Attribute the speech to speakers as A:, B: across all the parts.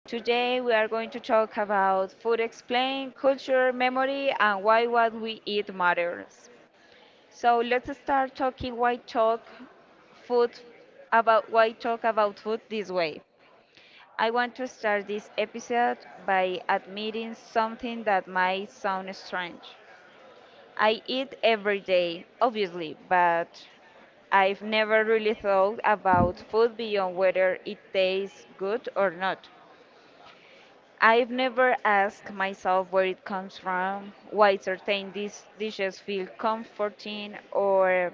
A: Today we are going to talk about food explain, culture, memory, and why what we eat matters. So let's start talking why talk food about why talk about food this way. I want to start this episode by admitting something that might sound strange. I eat every day, obviously, but I've never really thought about food beyond whether it tastes good or not. I've never asked myself where it comes from, why certain dishes feel comforting, or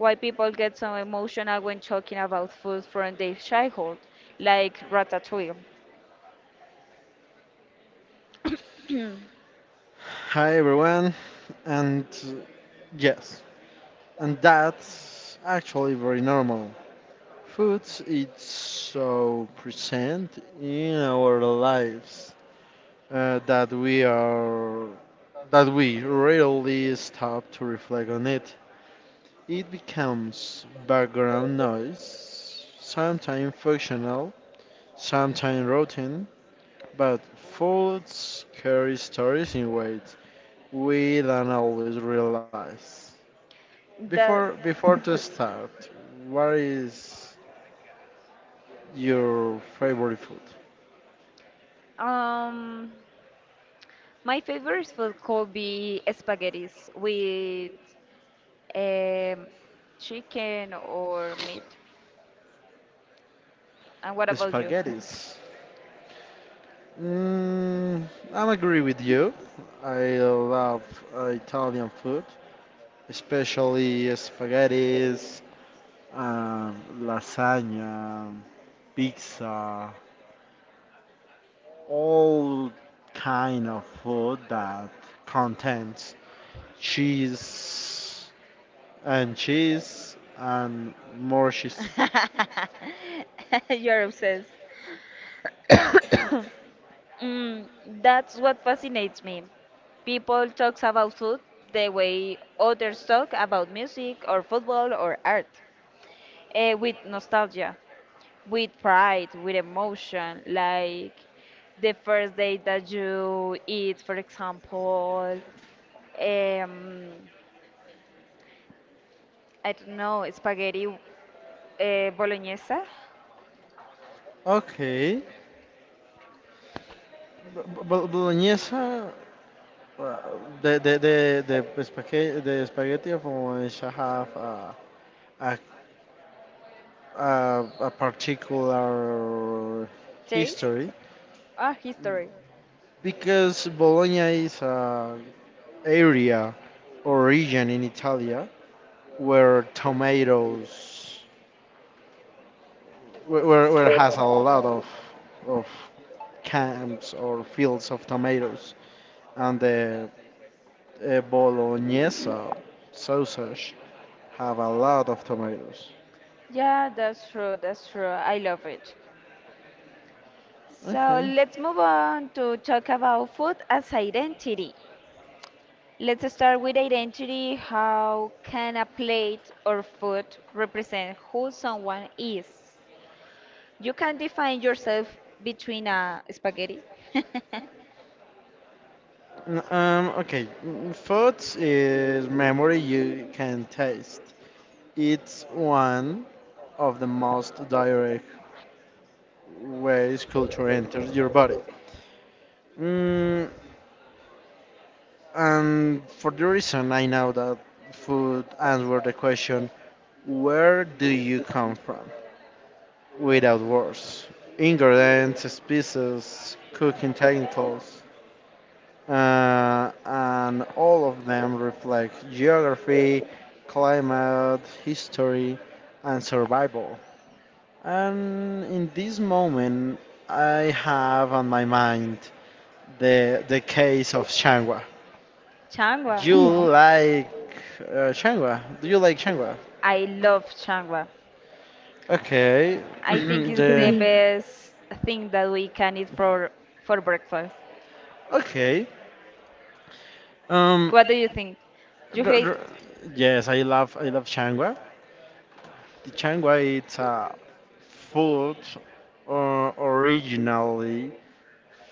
A: why people get so emotional when talking about food from their childhood, like ratatouille.
B: Hi everyone, and uh, yes, and that's actually very normal. Food is so present in our lives uh, that we are that we rarely stop to reflect on it. It becomes background noise, sometimes functional, sometimes routine, but food carries stories in weight we don't always realize. Before
A: The
B: before to start, what is your favorite food?
A: um, my favorite food could be spaghettis with Um, chicken or meat. And what about you?
B: Spaghettis. Mm, I agree with you. I love Italian food, especially spaghettis, um, lasagna, pizza, all kind of food that contains cheese and cheese and more cheese.
A: You're obsessed. Mm, that's what fascinates me. People talks about food the way others talk about music or football or art, eh, with nostalgia, with pride, with emotion, like the first day that you eat, for example, um, I don't know, spaghetti Bolognese?
B: Okay, bolognese. The spaghetti of bolognese have a, a particular
A: Taste?
B: history
A: Ah, history.
B: because Bologna is a area or region in Italy where tomatoes where has a lot of camps or fields of tomatoes. And the bolognese sausage have a lot of tomatoes.
A: Yeah, that's true, that's true. I love it. So
B: Okay.
A: let's move on to talk about food as identity. Let's start with identity. How can a plate or food represent who someone is? You can define yourself between a spaghetti.
B: Okay. Food is memory you can taste. It's one of the most direct ways culture enters your body. Mm, and for the reason I know that food answered the question, where do you come from? Without words. Ingredients, species, cooking technicals, and all of them reflect geography, climate, history, and survival. And in this moment, I have on my mind the case of Shangwa.
A: Changwa.
B: You like Shangwa? Do you like Changua?
A: I love changwa.
B: Okay.
A: I think it's the
B: the
A: best thing that we can eat for breakfast.
B: okay. Um,
A: What do you think? You
B: R-
A: hate?
B: r- yes, I love changua. The changua it's a food or originally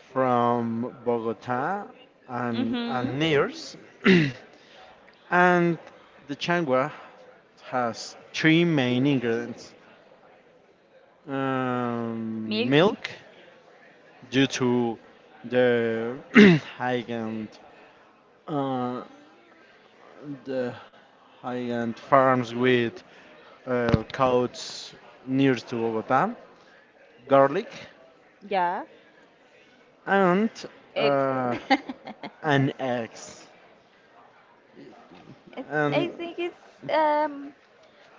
B: from Bogota
A: Mm-hmm.
B: and nears, and the changua has three main ingredients:
A: Milk?
B: milk, due to the high end. uh, the high-end farms with coats near to Bogota, garlic,
A: Yeah.
B: and
A: Eggs?
B: uh, an eggs.
A: It, I
B: And
A: think it's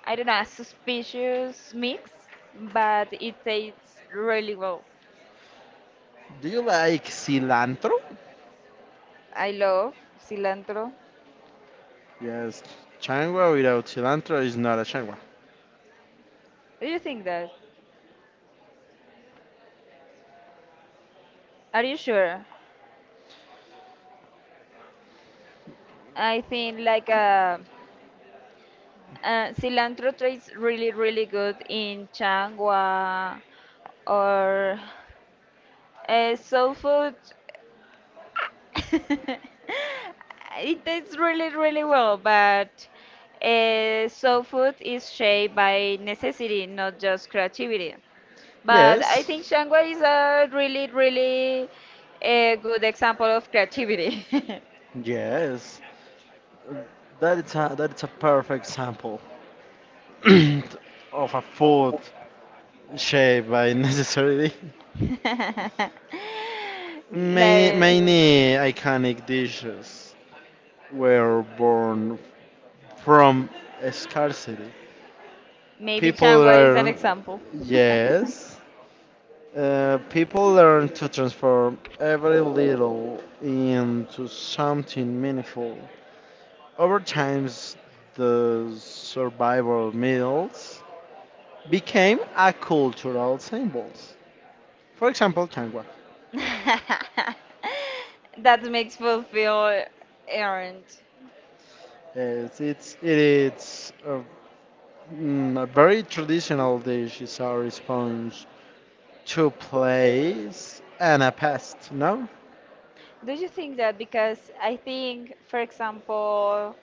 A: I don't know, a suspicious mix, but it tastes really well.
B: do you like cilantro?
A: I love cilantro.
B: Yes, changua without cilantro is not a changua.
A: Do you think that? Are you sure? I think like cilantro tastes really really good in changwa or soul food. It tastes really, really well, but soul food is shaped by necessity, not just creativity. But I
B: Yes,
A: think Shangwa is a really, really a good example of creativity.
B: yes, that is a perfect sample of a food shaped by necessity. Many,
A: Like
B: many iconic dishes were born from scarcity.
A: maybe
B: People
A: Changwa is an
B: learn,
A: example.
B: yes, people learn to transform every little into something meaningful. Over time, the survival meals became a cultural symbols. For example, changua.
A: That makes food feel earned.
B: It's, it's, it's uh, a very traditional dish is our sponge. Two plays and a past, no?
A: Do you think that because I think, for example,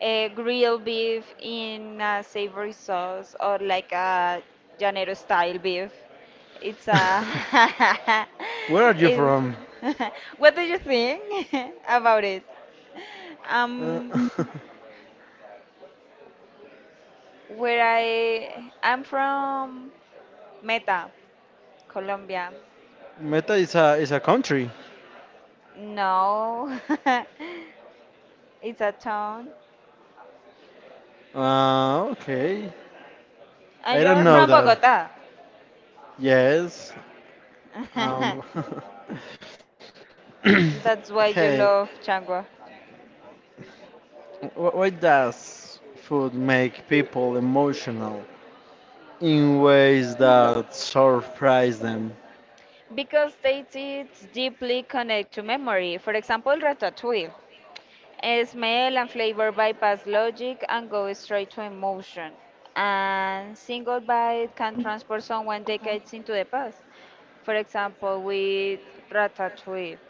A: a grilled beef in a savory sauce or like a Llanero style beef, it's a.
B: Where are you
A: it,
B: from?
A: what do you think about it?
B: Uh,
A: Um, where I'm from Meta, Colombia.
B: Meta is a country.
A: No, it's a town.
B: Okay.
A: And
B: I
A: you
B: don't
A: are
B: know
A: from
B: that.
A: Bogota.
B: Yes. Um,
A: That's why
B: hey,
A: you love Changua.
B: why does food make people emotional in ways that surprise them?
A: Because they did deeply connect to memory. For example, ratatouille. Eh, smell and flavor bypass logic and go straight to emotion. And single bite can transport someone decades into the past. For example, with ratatouille.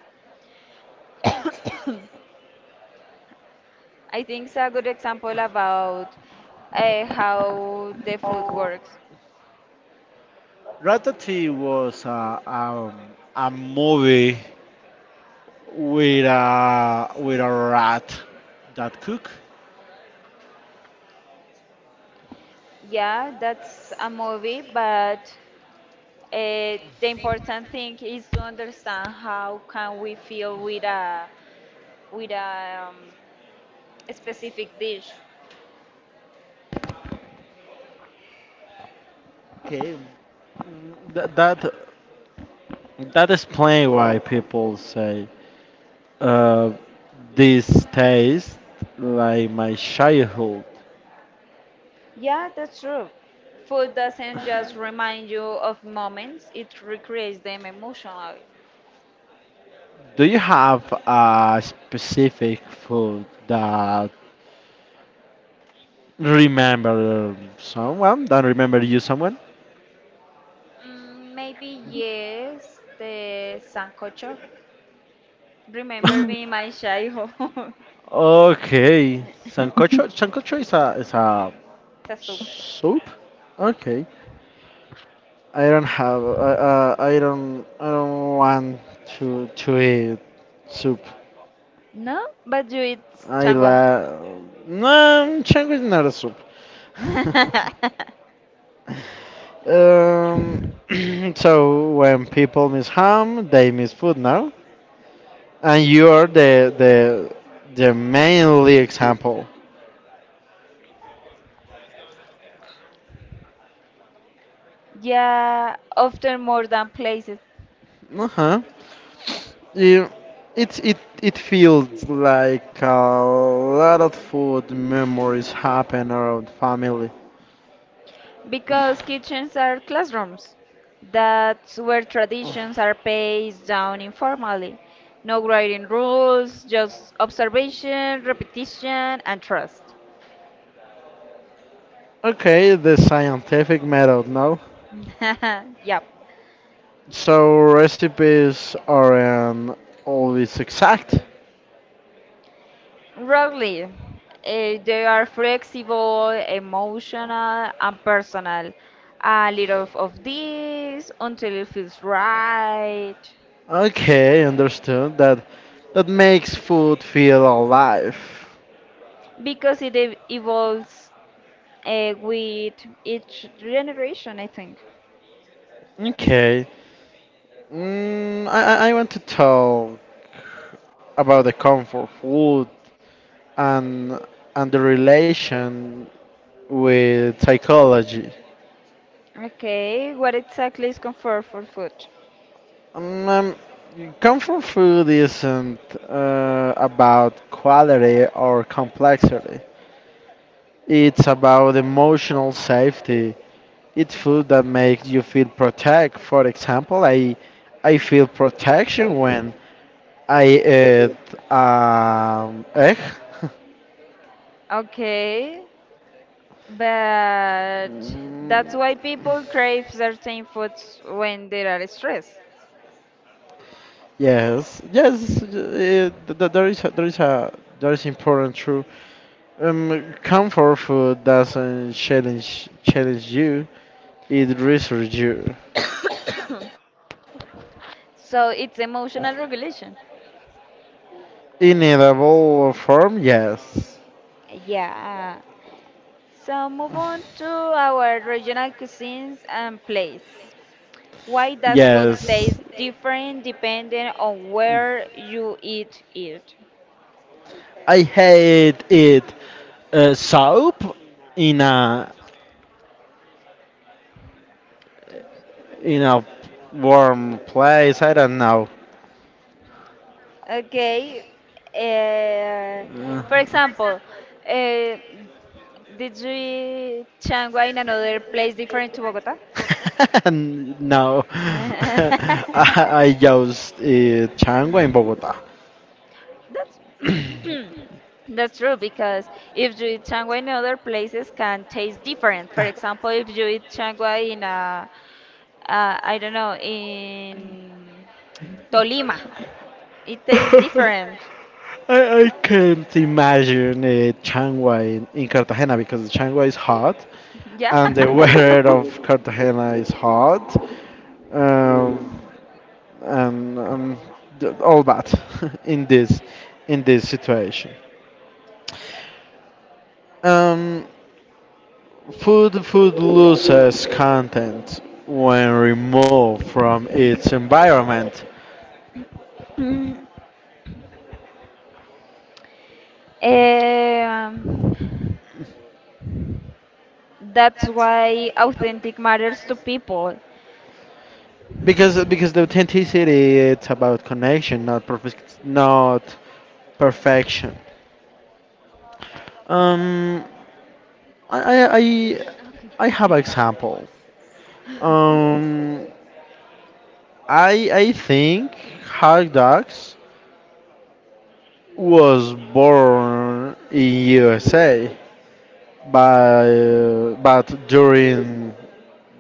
A: I think it's a good example about how the food works.
B: Ratatouille was a movie with a rat that cook.
A: Yeah, that's a movie, but the important thing is to understand how can we feel with a with a a specific dish.
B: Okay. That that that explain why people say uh, this tastes like my childhood.
A: Yeah, that's true. Food doesn't just remind you of moments; it recreates them emotionally.
B: Do you have a specific food that remember someone? That remember you someone?
A: Mm, maybe yes, the sancocho. Remember me, my childhood.
B: Okay,
A: it's
B: sancocho. Sancocho is a
A: a soup.
B: soup. Okay, I don't have. I don't. I don't want to eat soup.
A: No, but you eat
B: I
A: changua.
B: la. No, chango is not a soup. um, so when people miss ham, they miss food now, and you are the mainly example.
A: Yeah, often more than places.
B: Uh huh. Yeah, it feels like a lot of food memories happen around family.
A: Because kitchens are classrooms. That's where traditions are passed down informally. No grading rules, just observation, repetition, and trust.
B: Okay, the scientific method now.
A: Yep.
B: So recipes aren't always exact.
A: Rarely. Eh, they are flexible, emotional, and personal. A little of this until it feels right.
B: Okay, understood. That makes food feel alive.
A: Because it evolves eh, with each generation, I think.
B: Okay. I want to talk about the comfort food and and the relation with psychology.
A: Okay, what exactly is comfortable food?
B: Um, um, comfort food isn't about quality or complexity. It's about emotional safety. It's food that makes you feel protect. For example, I feel protection when I eat egg.
A: Okay, but
B: Mm,
A: that's why people crave certain foods when they are stressed.
B: yes, yes, there is a, there is a there is important truth. Comfort food doesn't challenge you; it research you.
A: So it's emotional regulation.
B: In edible form, yes,
A: Yeah. So move on to our regional cuisines and place. Why does food
B: yes.
A: taste different depending on where you eat it?
B: I hate it. Soap in a in a warm place. I don't know.
A: Okay. Uh,
B: Uh,
A: for example, uh, did you eat changua in another place different to Bogota?
B: no, I just changua in Bogota.
A: That's that's true because if you eat changua in other places can taste different. For example, if you eat changua in a I don't know, in Tolima, it tastes different.
B: I can't imagine changua in Cartagena because changua is hot
A: Yeah.
B: and the weather of Cartagena is hot. Um, and um, all that in this in this situation. Um, food loses content when removed from its environment
A: Um, that's why authentic matters to people.
B: because the authenticity it's about connection, not perfect, not perfection. Um, I I I, I have example. Um, I think hot dogs was born in USA, but during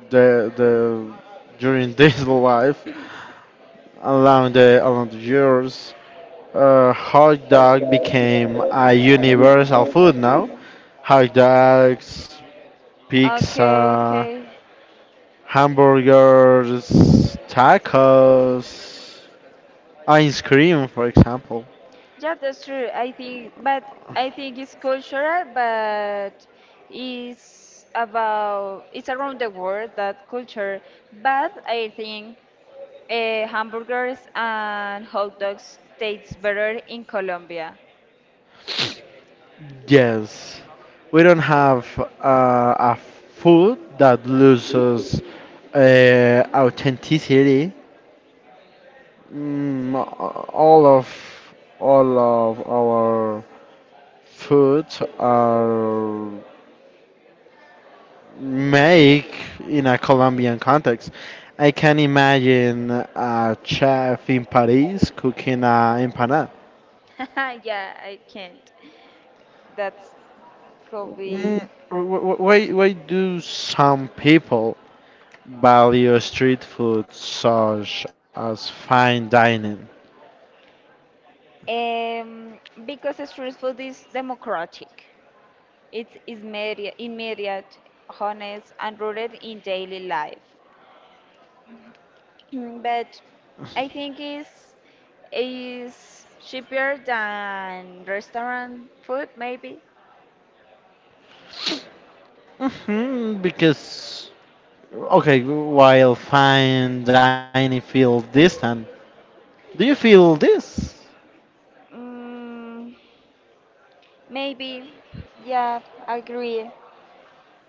B: the during this life along the years, hot dog became a universal food now. Hot dogs,
A: Okay,
B: pizza,
A: okay.
B: hamburgers, tacos, ice cream, for example.
A: Yeah, that's true. I think, but I think it's cultural, but it's about it's around the world that culture. But I think hamburgers and hot dogs taste better in Colombia.
B: Yes, we don't have a food that loses authenticity. Mm, all of all of our foods are made in a Colombian context. I can imagine a chef in Paris cooking a empanada.
A: Yeah, I can't. That's could
B: Mm,
A: be.
B: why do some people value street food such as fine dining?
A: Um, because street food is democratic. It is immediate, honest, and rooted in daily life. Mm, but I think it's is cheaper than restaurant food, maybe.
B: Hmm, because okay, while fine dining feels distant, do you feel this
A: Mm, maybe, yeah, I agree.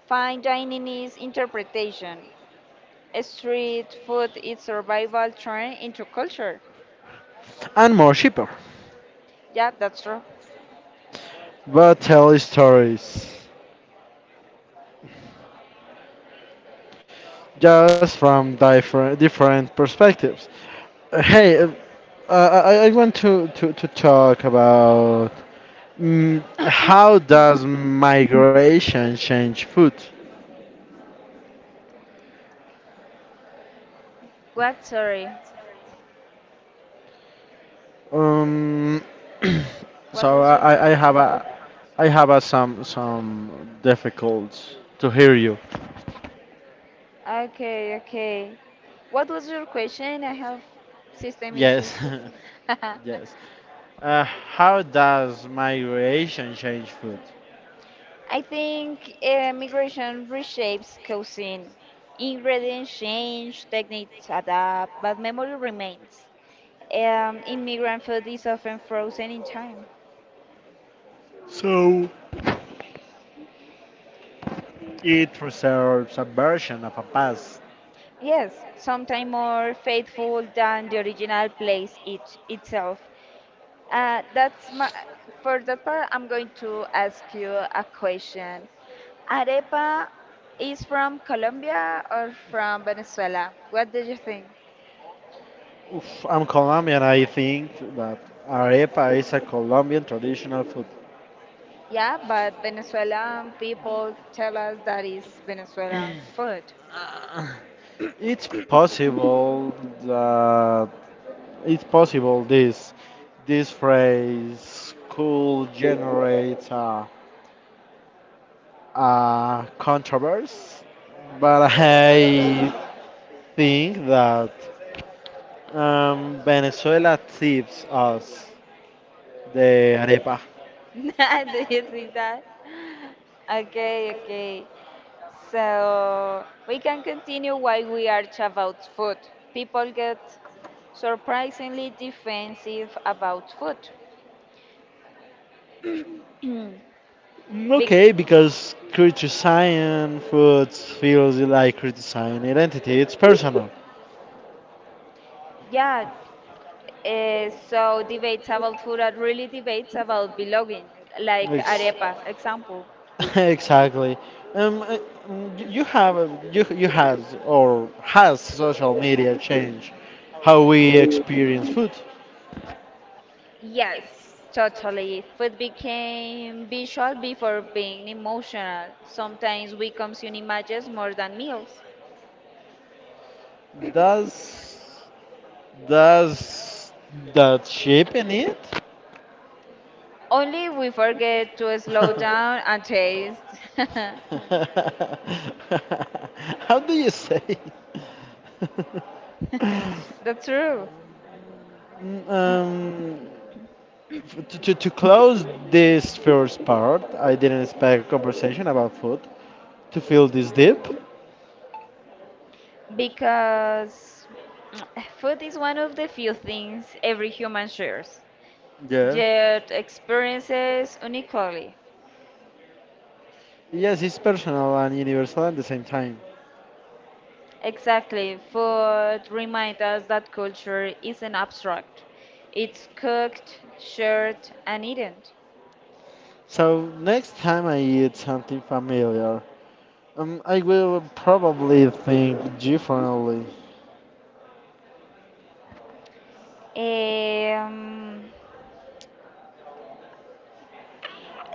A: Fine dining is interpretation. Street food is survival turned into culture.
B: and more cheaper?
A: Yeah, that's true.
B: But tell stories, just from different perspectives. Hey, I want to, talk about how does migration change food?
A: What? Sorry.
B: Um,
A: What
B: so
A: was
B: I,
A: your
B: I have a I have a some difficulties to hear you.
A: okay, okay. What was your question? I have system
B: Yes,
A: issues. I
B: yes. Uh, how does migration change food?
A: think migration reshapes cuisine. Ingredients change, techniques adapt, but memory remains. Immigrant food is often frozen in time.
B: So it preserves a version of a past.
A: Yes, sometimes more faithful than the original place itself. That's my for that part. I'm going to ask you a question. Arepa is from Colombia or from Venezuela? What do you think?
B: Oof, I'm Colombian. I think that arepa is a Colombian traditional food.
A: Yeah, but Venezuelan people tell us that is Venezuelan food.
B: It's possible that it's possible this this phrase could generate a controversy, but I think that Venezuela tips us the arepa.
A: Do you think that? Okay, okay. So we can continue while we are about food. People get surprisingly defensive about food. Hmm.
B: Mm,
A: Big.
B: okay, because criticizing food feels like criticizing identity. It's personal.
A: Yeah. So debates about food are really debates about belonging, like
B: Ex-
A: arepa example.
B: exactly. Um, I- you have a- you has or has social media changed how we experience food?
A: Yes, totally. Food became visual before being emotional. Sometimes we consume images more than meals.
B: Does does that shape in it?
A: Only we forget to slow down and taste.
B: How do you say?
A: That's true.
B: um, to, close this first part, I didn't expect a conversation about food to feel this deep.
A: Because food is one of the few things every human shares,
B: Yeah.
A: yet experiences uniquely.
B: Yes, it's personal and universal at the same time.
A: Exactly, food reminds us that culture isn't abstract. It's cooked, shared, and eaten.
B: So next time I eat something familiar, um, I will probably think differently.
A: Um,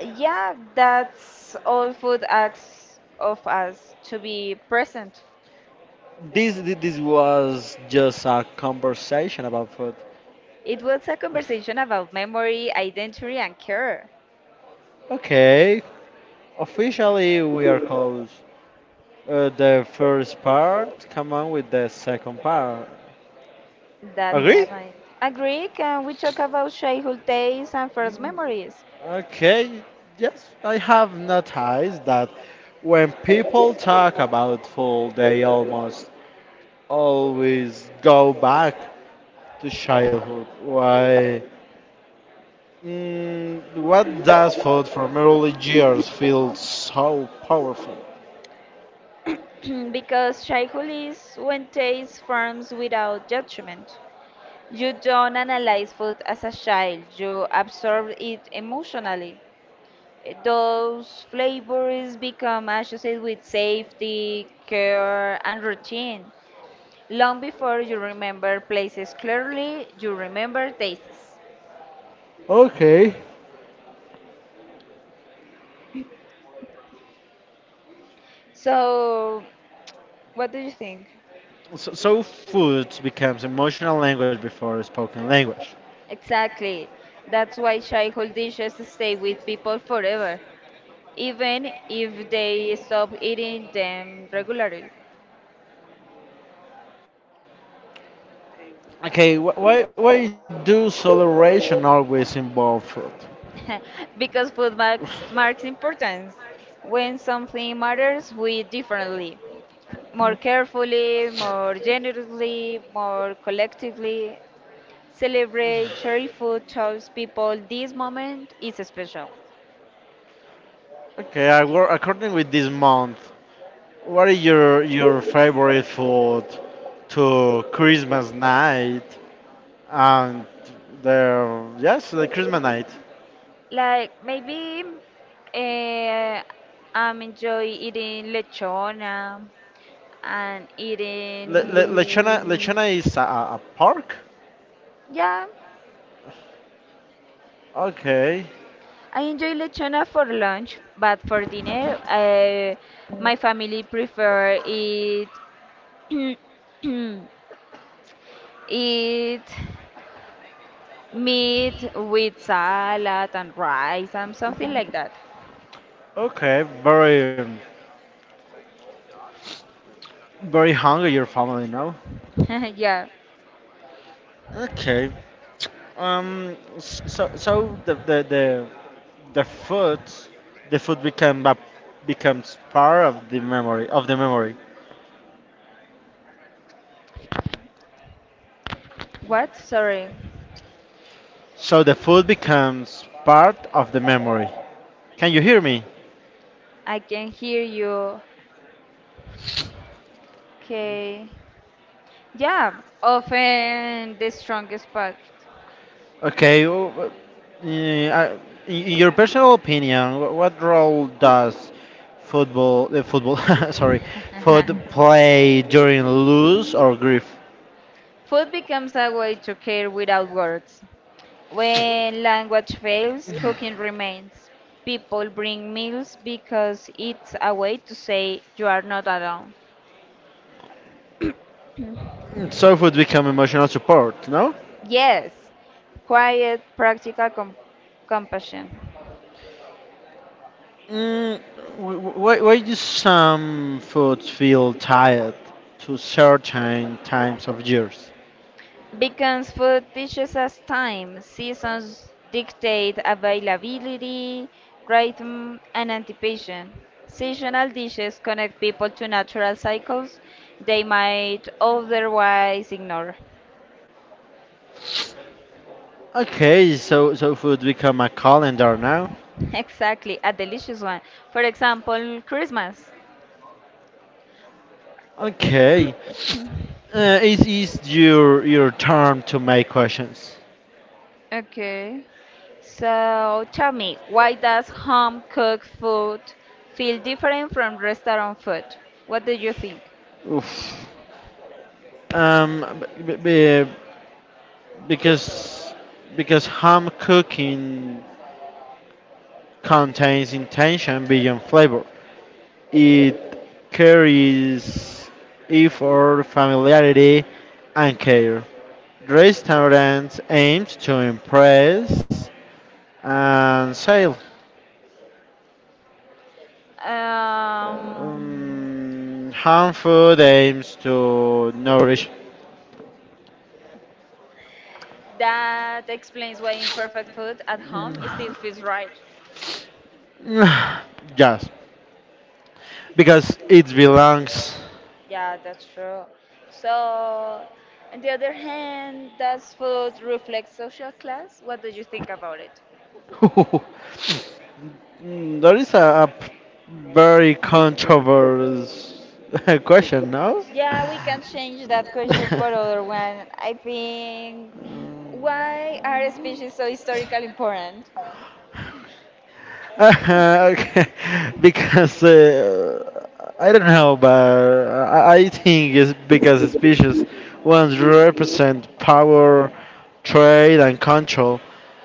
A: yeah, that's all food asks of us to be present.
B: This was just a conversation about food.
A: It was a conversation about memory, identity, and care.
B: Okay, officially we are close. The first part, come on with the second part.
A: That's
B: Agree?
A: right. Agree. Can we talk about childhood days and first memories?
B: Okay. Yes, I have noticed that when people talk about food, they almost always go back to childhood. Why? Mm, what does food from early years feel so powerful?
A: Because childhood is when taste forms without judgment. You don't analyze food as a child, you absorb it emotionally. Those flavors become associated with safety, care, and routine. Long before you remember places clearly, you remember tastes.
B: Okay.
A: So, what do you think?
B: So, so food becomes emotional language before spoken language.
A: Exactly. That's why childhood dishes stay with people forever, even if they stop eating them regularly.
B: Okay, why do celebration always involve food?
A: Because food marks importance. When something matters, we eat differently, more carefully, more generously, more collectively. Celebrate, cherish food, tells people this moment is special.
B: Okay, I wor- according with this month, what is your favorite food to Christmas night and the yes the Christmas night?
A: Like maybe uh, I'm enjoy eating lechona and
B: Le- Le-
A: eating
B: Lechona Lechona is a, a pork.
A: yeah,
B: Okay.
A: I enjoy lechona for lunch, but for dinner my family prefer eat eat meat with salad and rice and something like that.
B: Okay. Very, very hungry your family now.
A: Yeah.
B: Okay. So so the food, the food become a, becomes part of the memory of the memory.
A: What? Sorry.
B: So the food becomes part of the memory. Can you hear me?
A: I can hear you. Okay. Yeah, often the strongest part.
B: Okay, eh, I- in your personal opinion, what role does football, sorry, foot play during lose or grief?
A: Food becomes a way to care without words. When language fails, cooking remains. People bring meals because it's a way to say you are not alone.
B: So would become emotional support, no?
A: Yes, quiet, practical compassion.
B: Mm, why do some food feel tired to certain times of years?
A: Because food teaches us time, seasons dictate availability, rhythm, and anticipation. Seasonal dishes connect people to natural cycles they might otherwise ignore.
B: Okay, so so food become a calendar now.
A: Exactly, a delicious one. For example, Christmas.
B: Okay. It is your turn to make questions.
A: Okay. So tell me, why does home cooked food feel different from restaurant food? What do you think?
B: Oof. Um, b- b- b- because because ham cooking contains intention beyond flavor. It carries effort, familiarity, and care. Restaurants aims to impress and sell.
A: Um,
B: Hand aims to nourish.
A: That explains why imperfect food at home it
B: Mm,
A: still feels right.
B: yes, because it belongs.
A: Yeah, that's true. So, on the other hand, does food reflect social class? What do you think about it?
B: Mm, there is a, very controversial question, no?
A: Yeah, we can change that question for other one. I think why are
B: Um,
A: species so historically important?
B: okay, because I don't know, but I think it's because species ones represent power, trade, and control.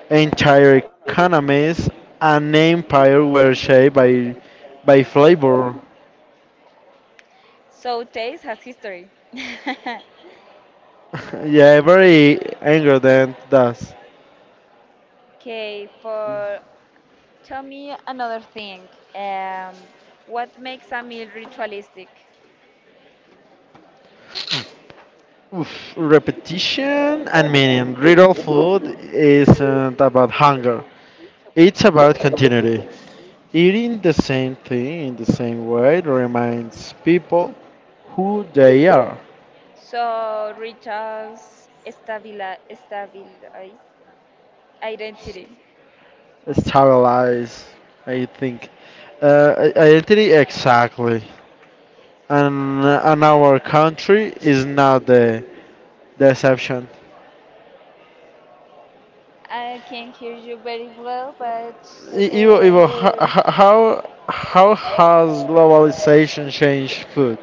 B: Entire economies and empire were shaped by flavor.
A: So taste has history.
B: yeah, every ingredient does.
A: Okay, for tell me another thing. Um, what makes a meal ritualistic?
B: Oof, repetition and meaning. Real food isn't about hunger; it's about continuity. Eating the same thing in the same way reminds people who they are.
A: So Richard's stabilize identity.
B: Stabilize, I think. Identity, exactly. And our country is not the, the exception.
A: I can hear you very well, but
B: I- Ivo,
A: uh,
B: Ivo, ho- ho- how has globalization changed food?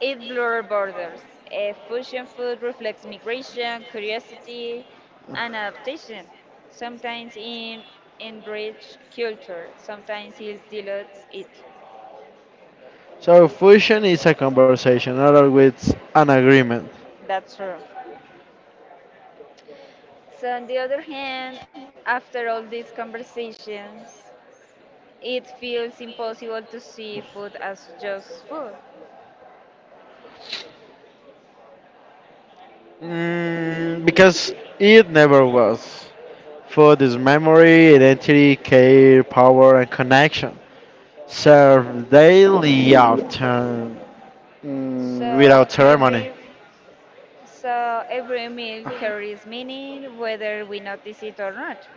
A: it blur borders. A fusion food reflects migration, curiosity, and adaptation. Sometimes in enrich culture, sometimes it dilutes it.
B: So, fusion is a conversation, not always an agreement.
A: That's true. So on the other hand, after all these conversations, it feels impossible to see food as just food.
B: Mm, because it never was. Food is memory, identity, care, power, and connection. Serve daily often
A: So
B: without ceremony.
A: every so every meal carries meaning whether we notice it or not.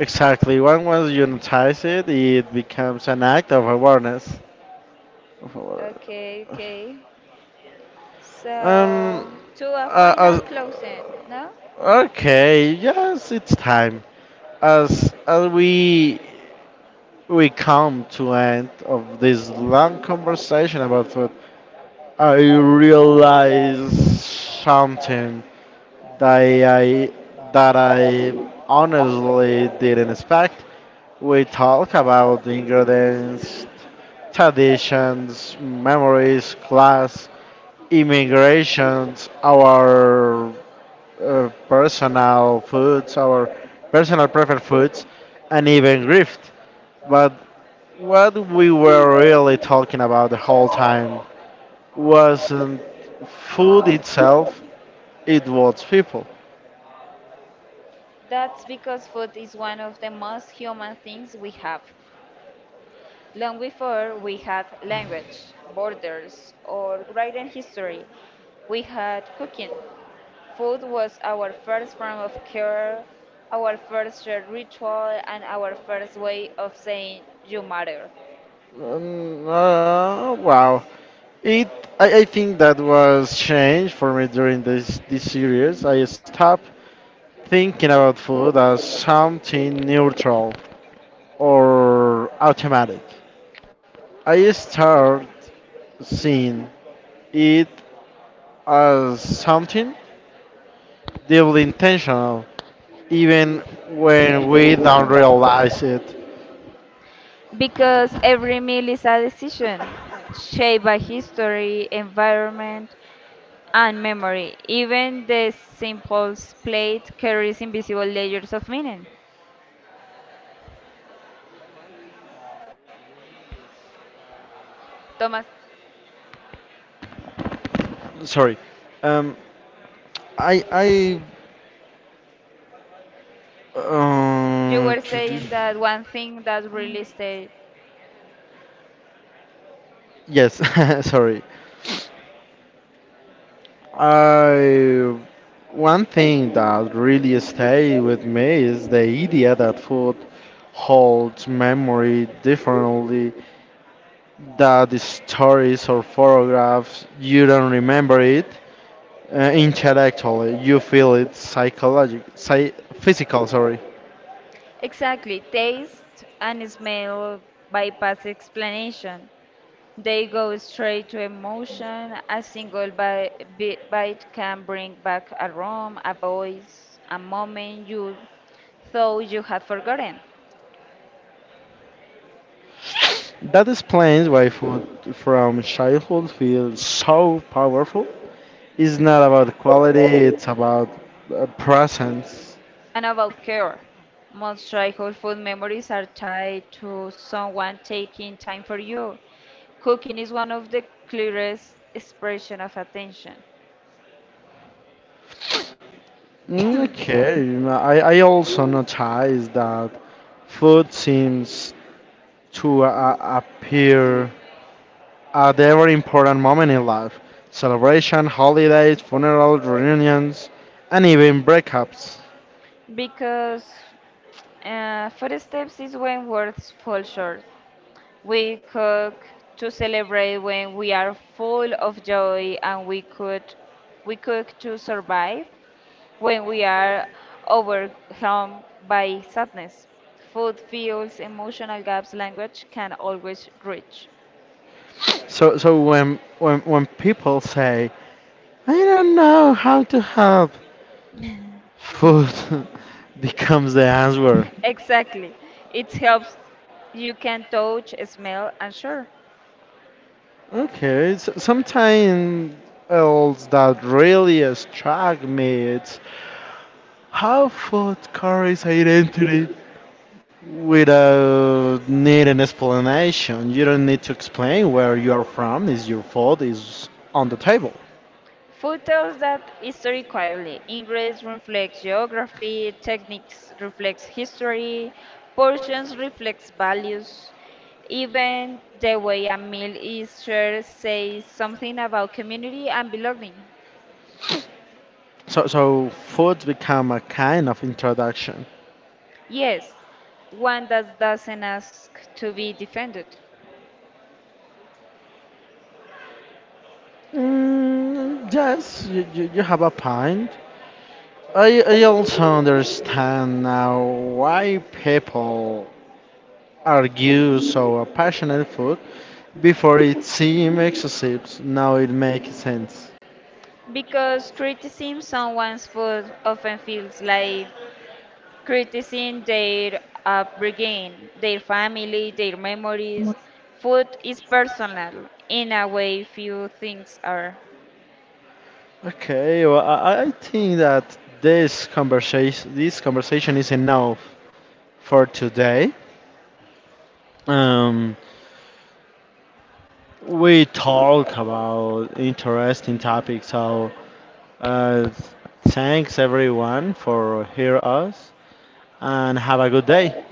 B: Exactly. When once you notice it, it becomes an act of awareness. Of aware-
A: Okay, okay.
B: Um.
A: So to a
B: Uh,
A: final
B: as,
A: closing, no?
B: okay. Yes, it's time. As we come to end of this long conversation about food. I realized something that I that I honestly didn't expect. We talk about the ingredients, traditions, memories, class, immigrations, our personal foods, our personal preferred foods, and even grift. But what we were really talking about the whole time wasn't food itself, it was people.
A: That's because food is one of the most human things we have. Long before we had language, borders, or written history, we had cooking. Food was our first form of care, our first shared ritual, and our first way of saying you matter.
B: Wow. It, I think that was changed for me during this series. I stopped thinking about food as something neutral or automatic. I start seeing it as something deeply intentional, even when we don't realize it.
A: Because every meal is a decision shaped by history, environment, and memory. Even the simplest plate carries invisible layers of meaning. Thomas,
B: Sorry. Um, I I
A: you
B: uh,
A: were
B: to do-
A: saying that one thing that really stayed
B: yes. sorry. I one thing that really stay with me is the idea that food holds memory differently. That the stories or photographs you don't remember it intellectually, you feel it psychologic, physical. Sorry.
A: exactly, taste and smell bypass explanation. They go straight to emotion. A single bite can bring back a room, a voice, a moment you thought you had forgotten.
B: That explains why food from childhood feels so powerful. It's not about quality, it's about presence.
A: And about care, most childhood food memories are tied to someone taking time for you. Cooking is one of the clearest expression of attention.
B: Mm, okay, I also notice that food seems to appear at every important moment in life celebration, holidays, funerals, reunions, and even breakups.
A: Because footsteps is when words fall short. We cook to celebrate when we are full of joy, and we cook to survive when we are overwhelmed by sadness. Food fuels emotional gaps language can always reach.
B: So, so when, people say, I don't know how to help, food becomes the answer.
A: Exactly. It helps you can touch, smell, and share.
B: Okay, so something else that really struck me it's how food carries identity without needing explanation. You don't need to explain where you are from, is your food is on the table.
A: Food tells that history quietly. Ingredients reflects geography, techniques reflects history, portions reflects values. Even the way a meal is shared says something about community and belonging.
B: So, so food become a kind of introduction.
A: Yes, one that doesn't ask to be defended.
B: Mm, yes, you have a point. I also understand now why people argue so passionate food before it seemed excessive. Now it makes sense.
A: Because criticizing someone's food often feels like criticizing their upbringing, their family, their memories. Food is personal in a way few things are.
B: Okay, well, I think that this conversation is enough for today. Um, we talk about interesting topics, so uh, thanks everyone for hear us and have a good day.